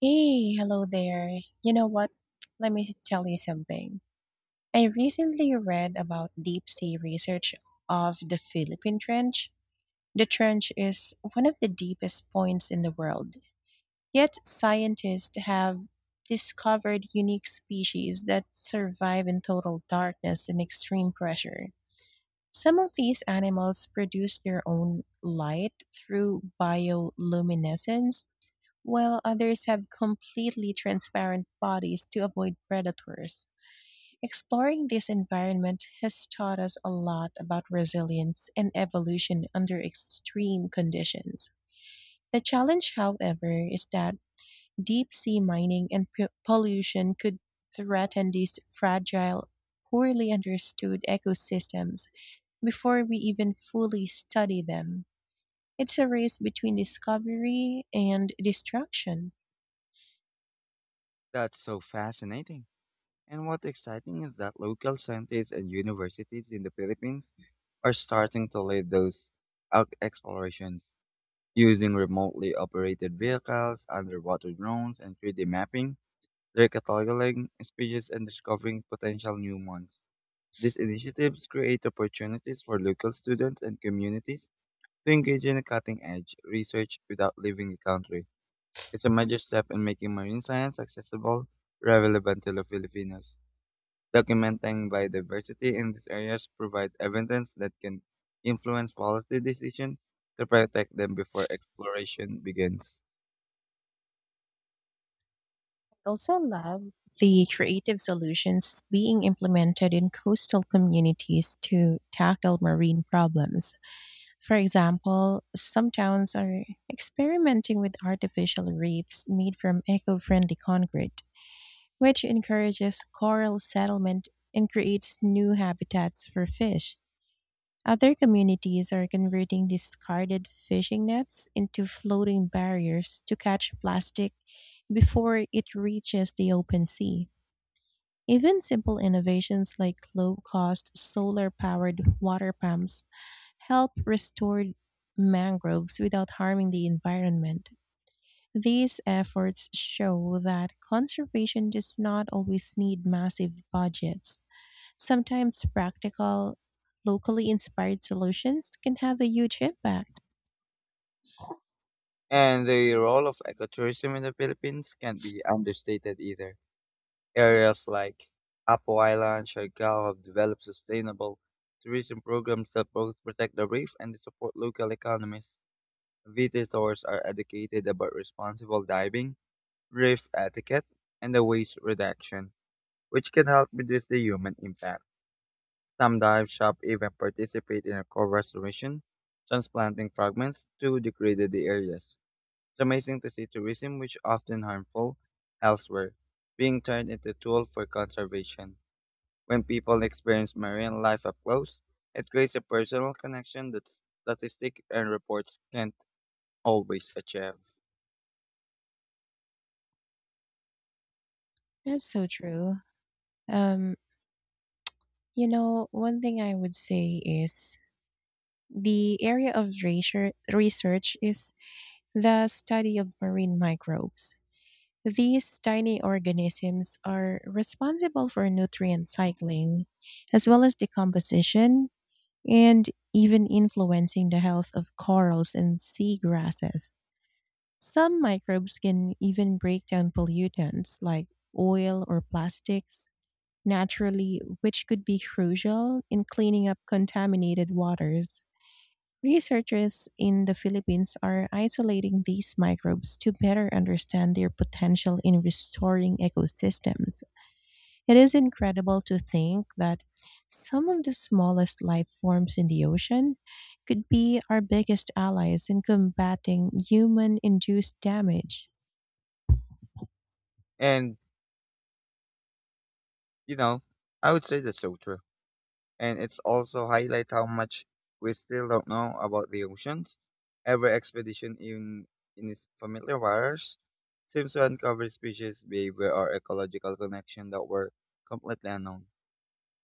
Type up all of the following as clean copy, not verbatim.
Hey, hello there. You know what? Let me tell you something. I recently read about deep sea research of the Philippine Trench. The trench is one of the deepest points in the world. Yet scientists have discovered unique species that survive in total darkness and extreme pressure. Some of these animals produce their own light through bioluminescence while others have completely transparent bodies to avoid predators. Exploring this environment has taught us a lot about resilience and evolution under extreme conditions. The challenge, however, is that deep sea mining and pollution could threaten these fragile, poorly understood ecosystems before we even fully study them. It's a race between discovery and destruction. That's so fascinating. And what exciting is that local scientists and universities in the Philippines are starting to lead those out explorations using remotely operated vehicles, underwater drones, and 3D mapping. They're cataloging species and discovering potential new ones. These initiatives create opportunities for local students and communities to engage in cutting edge research without leaving the country. It's a major step in making marine science accessible, relevant to the Filipinos. Documenting biodiversity in these areas provide evidence that can influence policy decisions to protect them before exploration begins. Also love the creative solutions being implemented in coastal communities to tackle marine problems. For example, some towns are experimenting with artificial reefs made from eco friendly concrete, which encourages coral settlement and creates new habitats for fish. Other communities are converting discarded fishing nets into floating barriers to catch plastic before it reaches the open sea. Even simple innovations like low cost solar powered water pumps help restore mangroves without harming the environment. These efforts show that conservation does not always need massive budgets. Sometimes practical, locally inspired solutions can have a huge impact. And the role of ecotourism in the Philippines can't be understated either. Areas like Apo Island, Siargao have developed sustainable tourism programs that both protect the reef and support local economies. Visitors are educated about responsible diving, reef etiquette, and the waste reduction, which can help reduce the human impact. Some dive shops even participate in coral restoration, transplanting fragments to degraded areas. It's amazing to see tourism, which often harmful elsewhere, being turned into a tool for conservation. When people experience marine life up close, it creates a personal connection that statistics and reports can't always achieve. That's so true. Um, one thing I would say is the area of research is the study of marine microbes. These tiny organisms are responsible for nutrient cycling, as well as decomposition, and even influencing the health of corals and seagrasses. Some microbes can even break down pollutants like oil or plastics naturally, which could be crucial in cleaning up contaminated waters. Researchers in the Philippines are isolating these microbes to better understand their potential in restoring ecosystems. It is incredible to think that some of the smallest life forms in the ocean could be our biggest allies in combating human induced damage. And You know, I would say that's so true. And it's also highlight how much we still don't know about the oceans. Every expedition in its familiar waters seems to uncover species, behavior, or ecological connection that were completely unknown.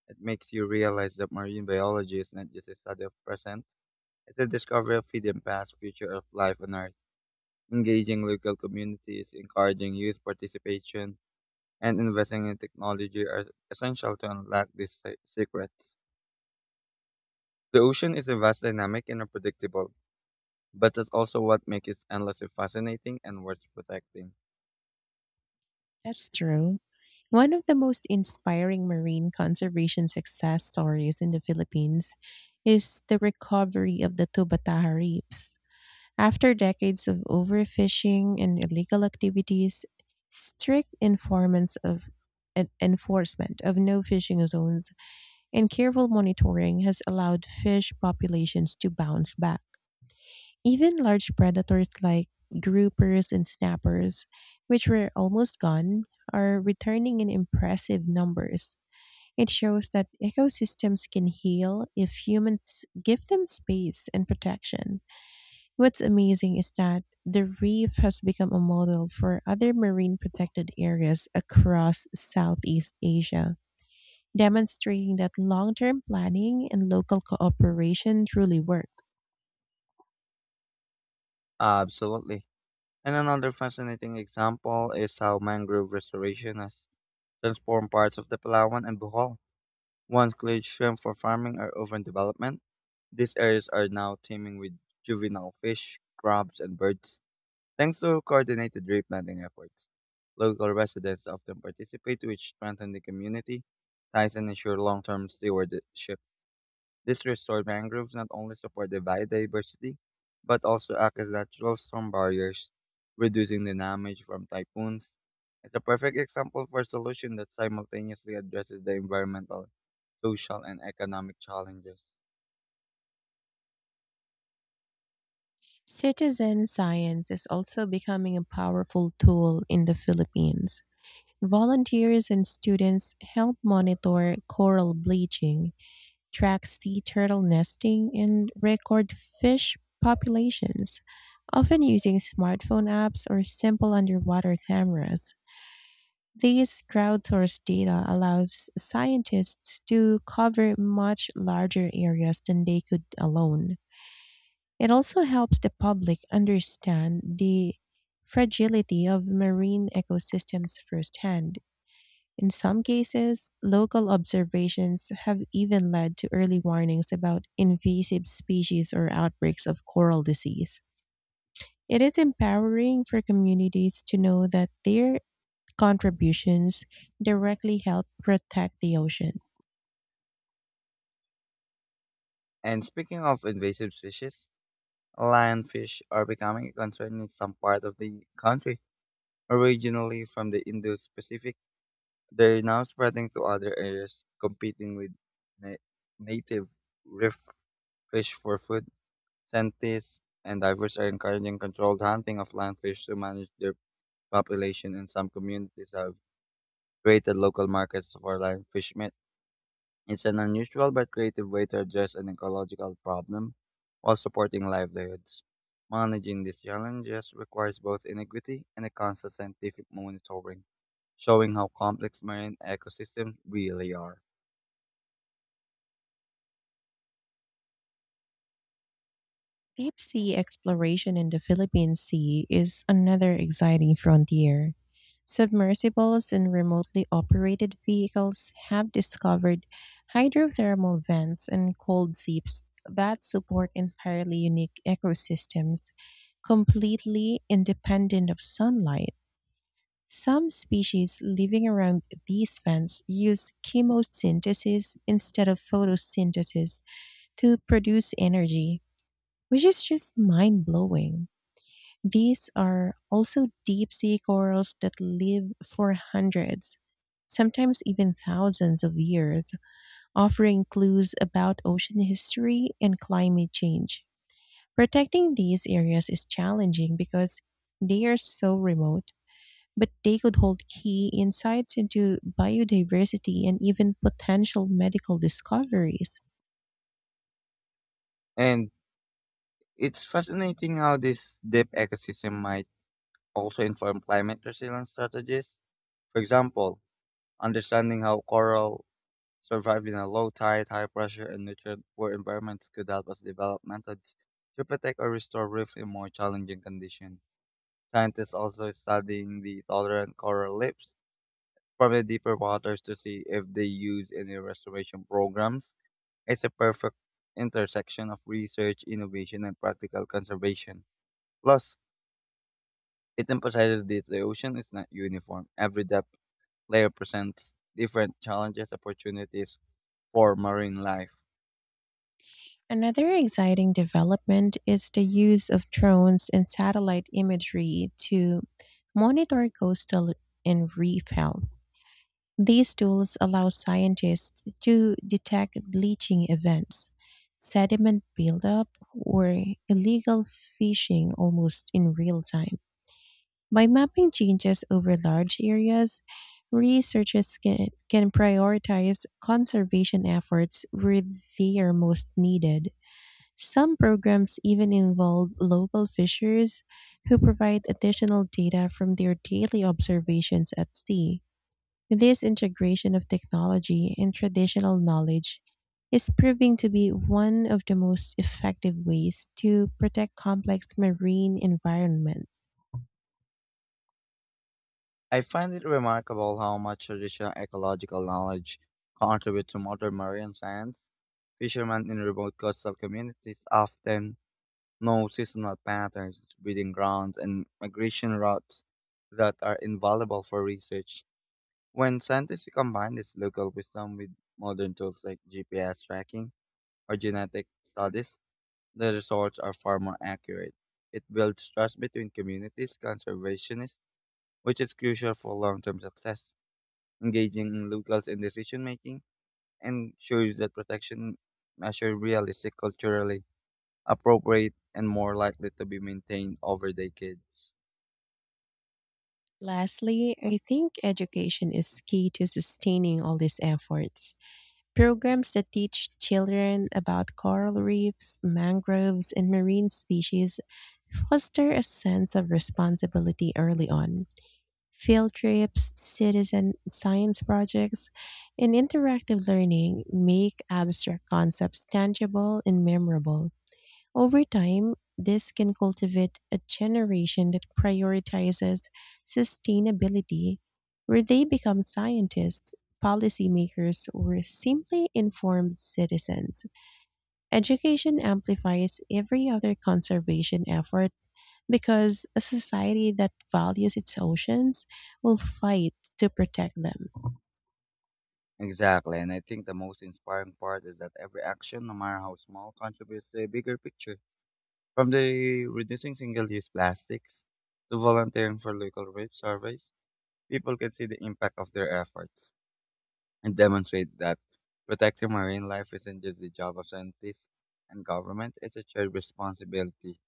It makes you realize that marine biology is not just a study of present, it's a discovery of hidden past, future of life on Earth, engaging local communities, encouraging youth participation, and investing in technology are essential to unlock these secrets. The ocean is a vast, dynamic, and unpredictable, but that's also what makes it endlessly fascinating and worth protecting. That's true. One of the most inspiring marine conservation success stories in the Philippines is the recovery of the Tubataha reefs. After decades of overfishing and illegal activities, strict informants of enforcement of no fishing zones and careful monitoring has allowed fish populations to bounce back. Even large predators like groupers and snappers, which were almost gone, are returning in impressive numbers. It shows that ecosystems can heal if humans give them space and protection. What's amazing is that the reef has become a model for other marine protected areas across Southeast Asia, demonstrating that long term planning and local cooperation truly work. Absolutely. And another fascinating example is how mangrove restoration has transformed parts of the Palawan and Bohol. Once cleared shrimp for farming or urban development, these areas are now teeming with juvenile fish, crabs, and birds. Thanks to coordinated replanting efforts, local residents often participate, which strengthen the community ties and ensure long-term stewardship. These restored mangroves not only support the biodiversity, but also act as natural storm barriers, reducing the damage from typhoons. It's a perfect example for a solution that simultaneously addresses the environmental, social, and economic challenges. Citizen science is also becoming a powerful tool in the Philippines. Volunteers and students help monitor coral bleaching, track sea turtle nesting, and record fish populations, often using smartphone apps or simple underwater cameras. These crowdsourced data allows scientists to cover much larger areas than they could alone. It also helps the public understand the fragility of marine ecosystems firsthand. In some cases, local observations have even led to early warnings about invasive species or outbreaks of coral disease. It is empowering for communities to know that their contributions directly help protect the ocean. And speaking of invasive species, lionfish are becoming a concern in some part of the country. Originally from the Indo-Pacific, they are now spreading to other areas, competing with na- native reef fish for food. Scientists and divers are encouraging controlled hunting of land fish to manage their population, and some communities have created local markets for land fish meat. It's an unusual but creative way to address an ecological problem while supporting livelihoods. Managing these challenges requires both ingenuity and a constant scientific monitoring, showing how complex marine ecosystems really are. Deep sea exploration in the Philippine Sea is another exciting frontier. Submersibles and remotely operated vehicles have discovered hydrothermal vents and cold seeps that support entirely unique ecosystems completely independent of sunlight. Some species living around these vents use chemosynthesis instead of photosynthesis to produce energy, which is just mind blowing. These are also deep sea corals that live for hundreds, sometimes even thousands of years, offering clues about ocean history and climate change. Protecting these areas is challenging because they are so remote, but they could hold key insights into biodiversity and even potential medical discoveries. And it's fascinating how this deep ecosystem might also inform climate resilience strategies. For example, understanding how coral surviving a low tide, high pressure, and nutrient-poor environments could help us develop methods to protect or restore reef in more challenging conditions. Scientists also studying the tolerant coral reefs from the deeper waters to see if they use any restoration programs. It's a perfect intersection of research, innovation, and practical conservation. Plus, it emphasizes that the ocean is not uniform. Every depth layer presents different challenges, opportunities for marine life. Another exciting development is the use of drones and satellite imagery to monitor coastal and reef health. These tools allow scientists to detect bleaching events, sediment buildup, or illegal fishing almost in real time. By mapping changes over large areas, researchers can prioritize conservation efforts where they are most needed. Some programs even involve local fishers who provide additional data from their daily observations at sea. This integration of technology and traditional knowledge is proving to be one of the most effective ways to protect complex marine environments. I find it remarkable how much traditional ecological knowledge contributes to modern marine science. Fishermen in remote coastal communities often know seasonal patterns, breeding grounds, and migration routes that are invaluable for research. When scientists combine this local wisdom with modern tools like GPS tracking or genetic studies, the results are far more accurate. It builds trust between communities, conservationists, which is crucial for long-term success engaging in locals in decision making, and ensures that protection measures realistic, culturally appropriate, and more likely to be maintained over decades. Lastly, I think education is key to sustaining all these efforts. Programs that teach children about coral reefs, mangroves, and marine species foster a sense of responsibility early on. Field trips, citizen science projects, and interactive learning make abstract concepts tangible and memorable. Over time, this can cultivate a generation that prioritizes sustainability, where they become scientists, policymakers, or simply informed citizens. Education amplifies every other conservation effort because a society that values its oceans will fight to protect them. Exactly, and I think the most inspiring part is that every action, no matter how small, contributes to a bigger picture. From the reducing single-use plastics to volunteering for local waste surveys, people can see the impact of their efforts and demonstrate that protecting marine life isn't just the job of scientists and government, it's a shared responsibility.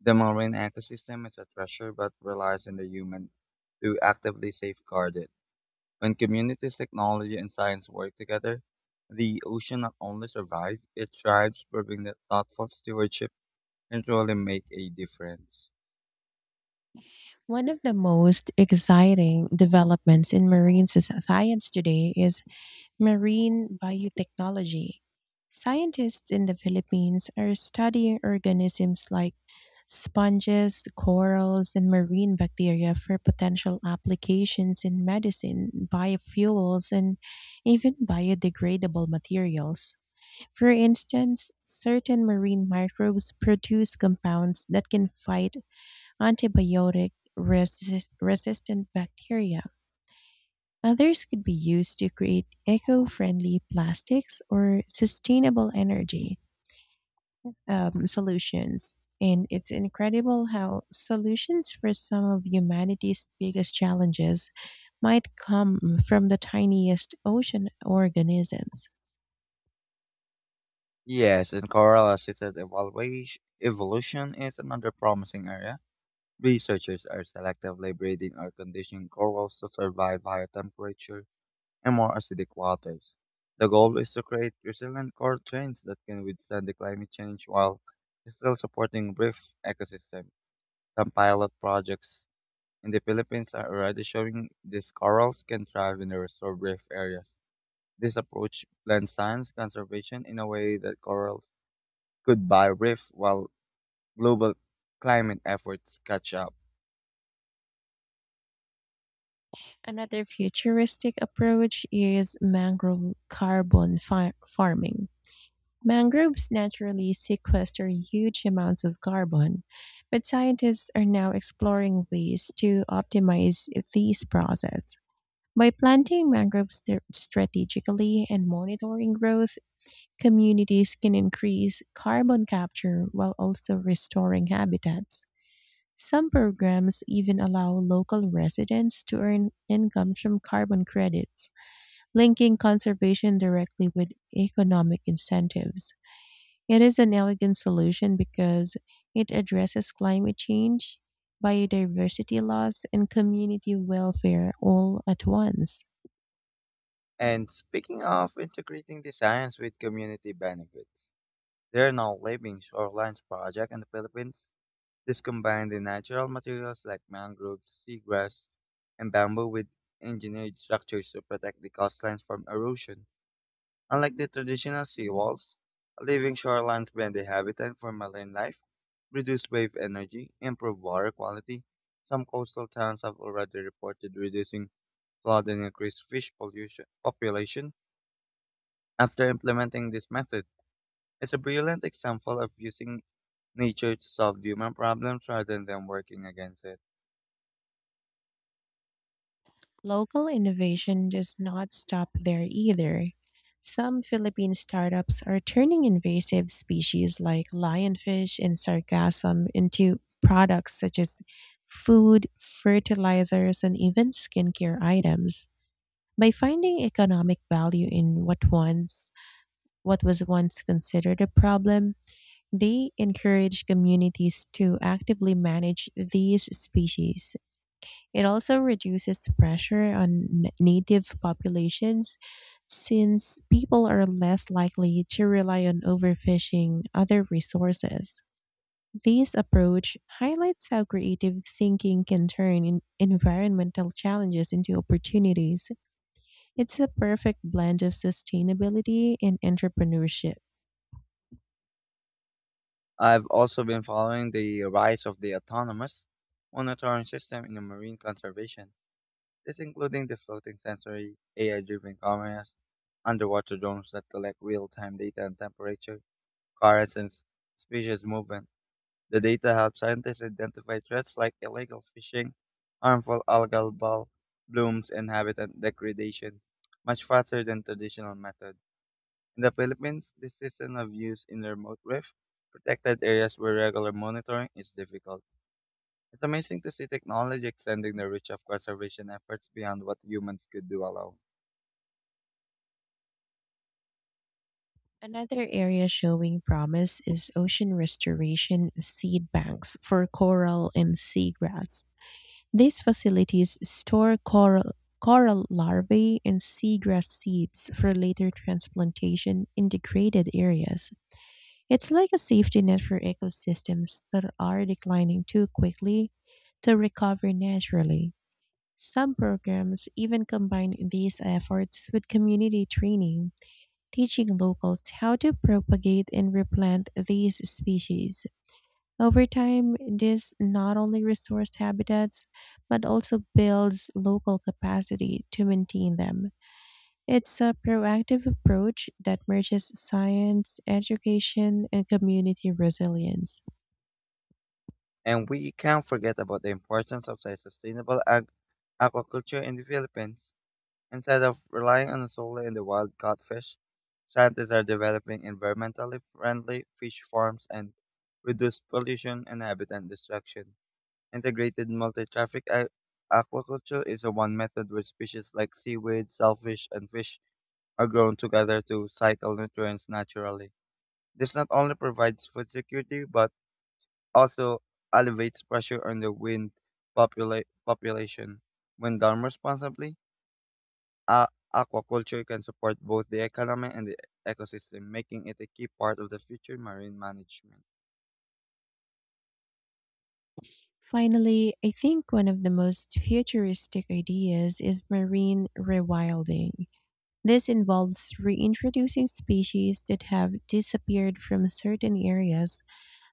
The marine ecosystem is a treasure but relies on the human to actively safeguard it. When communities, technology, and science work together, the ocean not only survives, it thrives, proving that thoughtful stewardship can truly make a difference. One of the most exciting developments in marine science today is marine biotechnology. Scientists in the Philippines are studying organisms like sponges, corals, and marine bacteria for potential applications in medicine, biofuels, and even biodegradable materials. For instance, certain marine microbes produce compounds that can fight resistant bacteria. Others could be used to create eco friendly plastics or sustainable energy solutions. And it's incredible how solutions for some of humanity's biggest challenges might come from the tiniest ocean organisms. Yes, and coral assisted evaluation, evolution is another promising area. Researchers are selectively breeding or conditioning corals to survive higher temperature and more acidic waters. The goal is to create resilient coral strains that can withstand the climate change while still supporting brief ecosystem. Some pilot projects in the Philippines are already showing these corals can thrive in the restored reef areas. This approach blends science conservation in a way that corals could buy reef while global climate efforts catch up. Another futuristic approach is mangrove farming. Mangroves naturally sequester huge amounts of carbon, but scientists are now exploring ways to optimize these processes. By planting mangroves strategically and monitoring growth, communities can increase carbon capture while also restoring habitats. Some programs even allow local residents to earn income from carbon credits, linking conservation directly with economic incentives. It is an elegant solution because it addresses climate change, biodiversity loss, and community welfare all at once. And speaking of integrating designs with community benefits, there are now living shorelines project in the Philippines. This combines the natural materials like mangroves, seagrass, and bamboo with engineered structures to protect the coastlines from erosion. Unlike the traditional seawalls, living shorelines blend the habitat for marine life, reduce wave energy, improve water quality. Some coastal towns have already reported reducing flood and increased fish pollution population after implementing this method. It's a brilliant example of using nature to solve human problems rather than working against it. Local innovation does not stop there either. Some Philippine startups are turning invasive species like lionfish and sargassum into products such as food, fertilizers, and even skincare items. By finding economic value in what once what was once considered a problem, they encourage communities to actively manage these species. It also reduces pressure on native populations since people are less likely to rely on overfishing other resources. This approach highlights how creative thinking can turn in environmental challenges into opportunities. It's a perfect blend of sustainability and entrepreneurship. I've also been following the rise of the autonomous monitoring system in the marine conservation. This including the floating sensory AI-driven cameras, underwater drones that collect real-time data on temperature, currents, and species movement. The data help scientists identify threats like illegal fishing, harmful algal ball blooms, and habitat degradation much faster than traditional methods. In the Philippines, this system of use in remote reef protected areas where regular monitoring is difficult. It's amazing to see technology extending the reach of conservation efforts beyond what humans could do alone. Another area showing promise is ocean restoration seed banks for coral and seagrass. These facilities store coral larvae and seagrass seeds for later transplantation in degraded areas. It's like a safety net for ecosystems that are declining too quickly to recover naturally. Some programs even combine these efforts with community training, teaching locals how to propagate and replant these species. Over time, this not only restores habitats, but also builds local capacity to maintain them. It's a proactive approach that merges science, education, and community resilience. And we can't forget about the importance of sustainable aquaculture in the Philippines. Instead of relying on solely on the wild caught fish, scientists are developing environmentally friendly fish farms and reduce pollution and habitat destruction. Integrated multi-traffic aquaculture is a one method where species like seaweed, shellfish, and fish are grown together to cycle nutrients naturally. This not only provides food security but also alleviates pressure on the wind population. When done responsibly, a- aquaculture can support both the economy and the ecosystem, making it a key part of the future marine management. Finally, I think one of the most futuristic ideas is marine rewilding. This involves reintroducing species that have disappeared from certain areas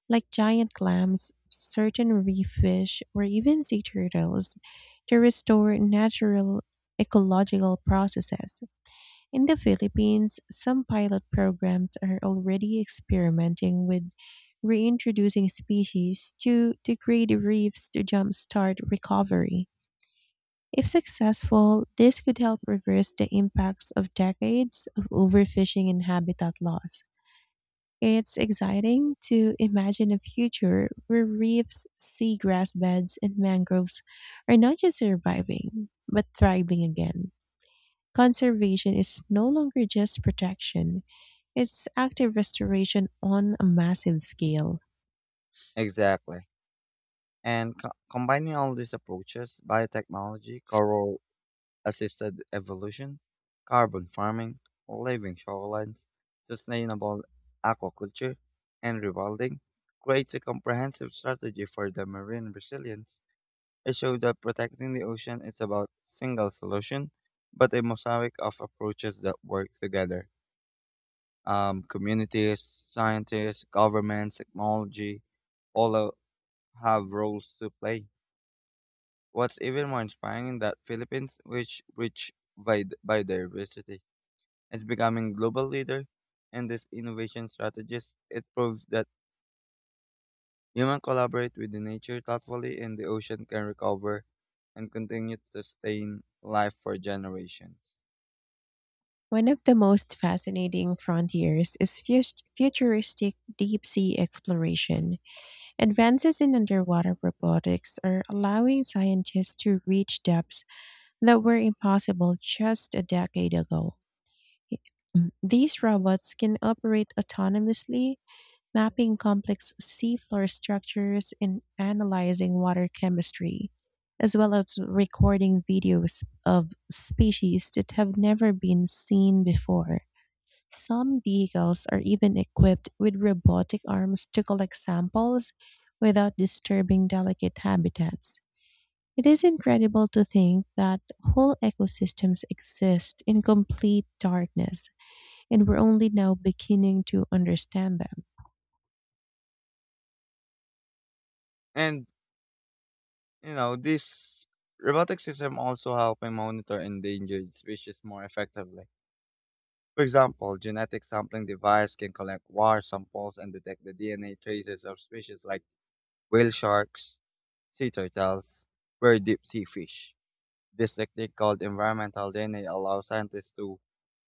like giant clams, certain reef fish, or even sea turtles to restore natural ecological processes. In the Philippines, some pilot programs are already experimenting with reintroducing species to degrade reefs to jumpstart recovery. If successful, this could help reverse the impacts of decades of overfishing and habitat loss. It's exciting to imagine a future where reefs, seagrass beds, and mangroves are not just surviving, but thriving again. Conservation is no longer just protection, it's active restoration on a massive scale. Exactly. And combining all these approaches, biotechnology, coral assisted evolution, carbon farming, living shorelines, sustainable aquaculture, and rewilding, creates a comprehensive strategy for the marine resilience. It shows that protecting the ocean is about single solution, but a mosaic of approaches that work together. Communities, scientists, governments, technology, all have roles to play. What's even more inspiring is that Philippines, which rich by biodiversity, is becoming global leader in this innovation strategies. It proves that human collaborate with the nature thoughtfully, and the ocean can recover and continue to sustain life for generations. One of the most fascinating frontiers is futuristic deep sea exploration. Advances in underwater robotics are allowing scientists to reach depths that were impossible just a decade ago. These robots can operate autonomously, mapping complex seafloor structures and analyzing water chemistry, as well as recording videos of species that have never been seen before. Some vehicles are even equipped with robotic arms to collect samples without disturbing delicate habitats. It is incredible to think that whole ecosystems exist in complete darkness, and we're only now beginning to understand them. And this robotic system also help me monitor endangered species more effectively. For example, genetic sampling device can collect war samples and detect the DNA traces of species like whale sharks, sea turtles, or deep sea fish. This technique called environmental DNA allows scientists to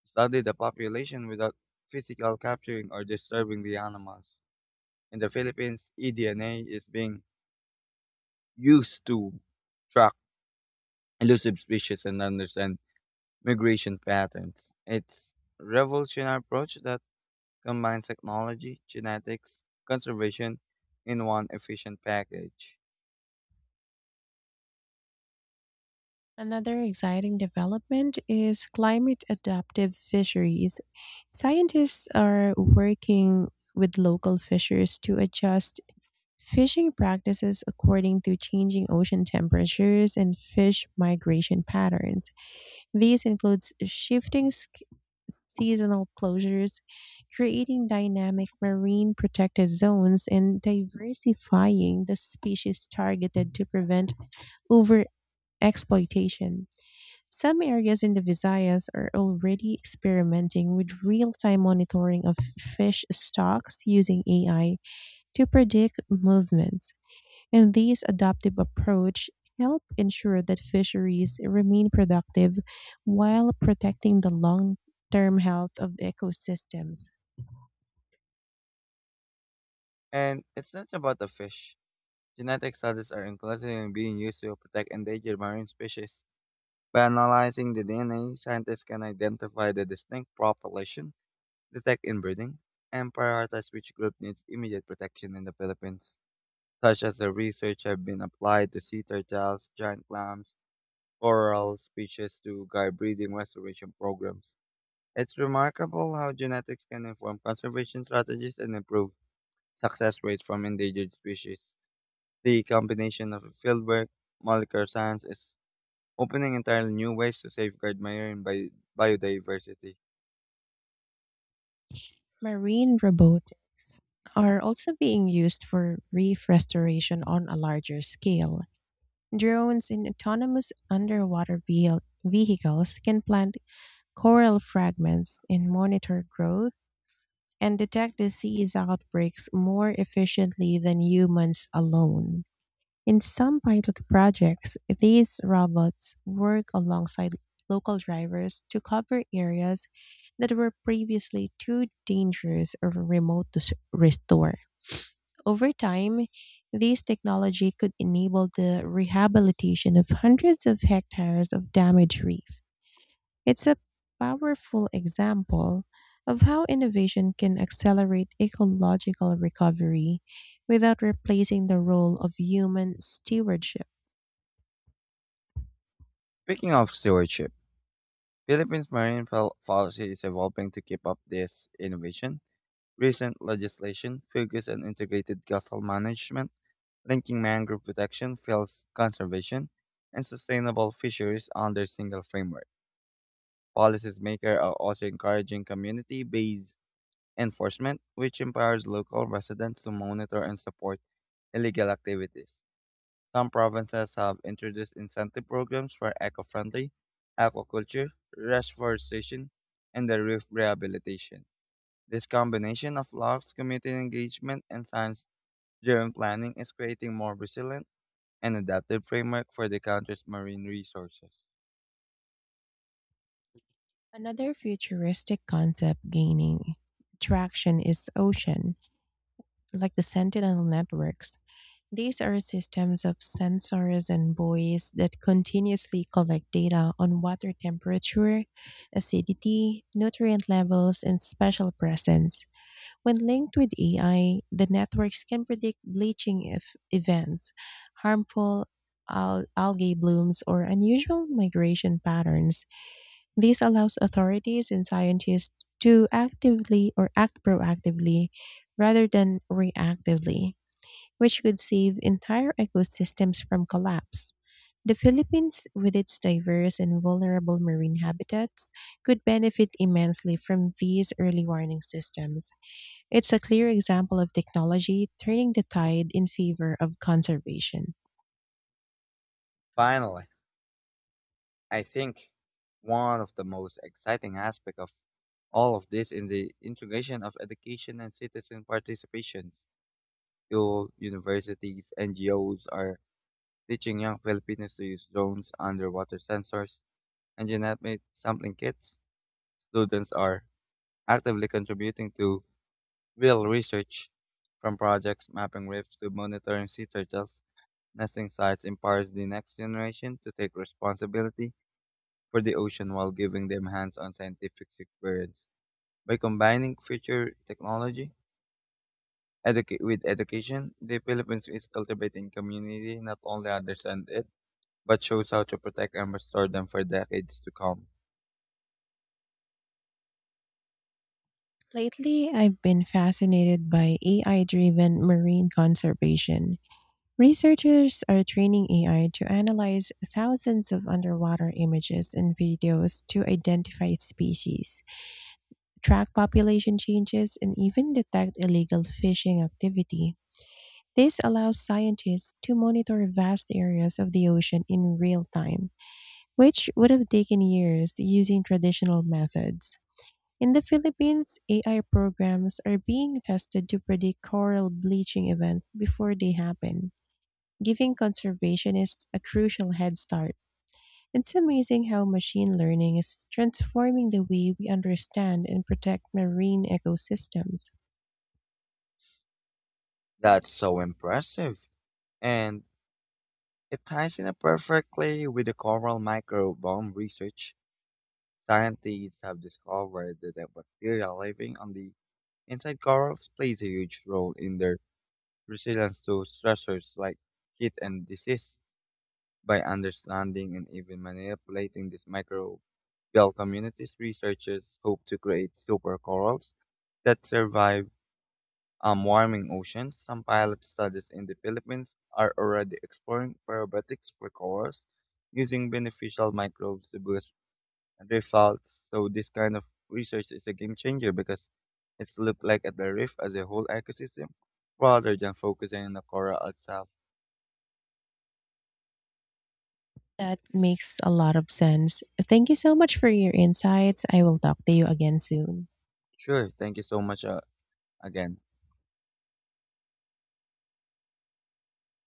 study the population without physical capturing or disturbing the animals. In the Philippines, eDNA is being used to track elusive species and understand migration patterns. It's revolutionary approach that combines technology, genetics, conservation in one efficient package. Another exciting development is climate adaptive fisheries. Scientists are working with local fishers to adjust fishing practices according to changing ocean temperatures and fish migration patterns. These includes seasonal closures, creating dynamic marine protected zones and diversifying the species targeted to prevent over exploitation. Some areas in the Visayas are already experimenting with real-time monitoring of fish stocks using AI to predict movements. And these adaptive approach help ensure that fisheries remain productive while protecting the long-term health of ecosystems. And it's not about the fish. Genetic studies are increasingly being used to protect endangered marine species. By analyzing the DNA, scientists can identify the distinct population, detect inbreeding, and prioritize which group needs immediate protection in the Philippines. Such as the research have been applied to sea turtles, giant clams, coral species to guide breeding restoration programs. It's remarkable how genetics can inform conservation strategies and improve success rates from endangered species. The combination of fieldwork, molecular science is opening entirely new ways to safeguard marine biodiversity. Marine robotics are also being used for reef restoration on a larger scale. Drones and autonomous underwater vehicles can plant coral fragments and monitor growth and detect disease outbreaks more efficiently than humans alone. In some pilot projects, these robots work alongside local drivers to cover areas that were previously too dangerous or remote to restore. Over time, this technology could enable the rehabilitation of hundreds of hectares of damaged reef. It's a powerful example of how innovation can accelerate ecological recovery without replacing the role of human stewardship. Speaking of stewardship, Philippines' marine policy is evolving to keep up this innovation. Recent legislation focuses on integrated coastal management, linking mangrove protection, fields conservation, and sustainable fisheries under single framework. Policies makers are also encouraging community-based enforcement, which empowers local residents to monitor and support illegal activities. Some provinces have introduced incentive programs for eco-friendly aquaculture, reforestation, and the reef rehabilitation. This combination of laws, community engagement, and science-driven planning is creating more resilient and adaptive framework for the country's marine resources. Another futuristic concept gaining traction is ocean, like the Sentinel networks. These are systems of sensors and buoys that continuously collect data on water temperature, acidity, nutrient levels, and special presence. When linked with AI, the networks can predict bleaching if events, harmful algae blooms, or unusual migration patterns. This allows authorities and scientists to actively or act proactively rather than reactively, which could save entire ecosystems from collapse. The Philippines, with its diverse and vulnerable marine habitats, could benefit immensely from these early warning systems. It's a clear example of technology turning the tide in favor of conservation. Finally, I think one of the most exciting aspects of all of this is the integration of education and citizen participations. School, universities, NGOs are teaching young Filipinos to use drones, underwater sensors, and genetic sampling kits. Students are actively contributing to real research from projects mapping rifts to monitoring sea turtles nesting sites empowers the next generation to take responsibility for the ocean while giving them hands-on scientific experience. By combining future technology with education, the Philippines is cultivating community not only understand it, but shows how to protect and restore them for decades to come. Lately, I've been fascinated by AI driven marine conservation. Researchers are training AI to analyze thousands of underwater images and videos to identify species, track population changes, and even detect illegal fishing activity. This allows scientists to monitor vast areas of the ocean in real time, which would have taken years using traditional methods. In the Philippines, AI programs are being tested to predict coral bleaching events before they happen, giving conservationists a crucial head start. It's amazing how machine learning is transforming the way we understand and protect marine ecosystems. That's so impressive. And it ties in perfectly with the coral microbiome research. Scientists have discovered that the bacteria living on the inside corals plays a huge role in their resilience to stressors like heat and disease. By understanding and even manipulating these microbial communities, researchers hope to create super corals that survive warming oceans. Some pilot studies in the Philippines are already exploring probiotics for corals using beneficial microbes to boost reef health. So this kind of research is a game changer because it's looked like at the reef as a whole ecosystem rather than focusing on the coral itself. That makes a lot of sense. Thank you so much for your insights. I will talk to you again soon. Sure. Thank you so much again.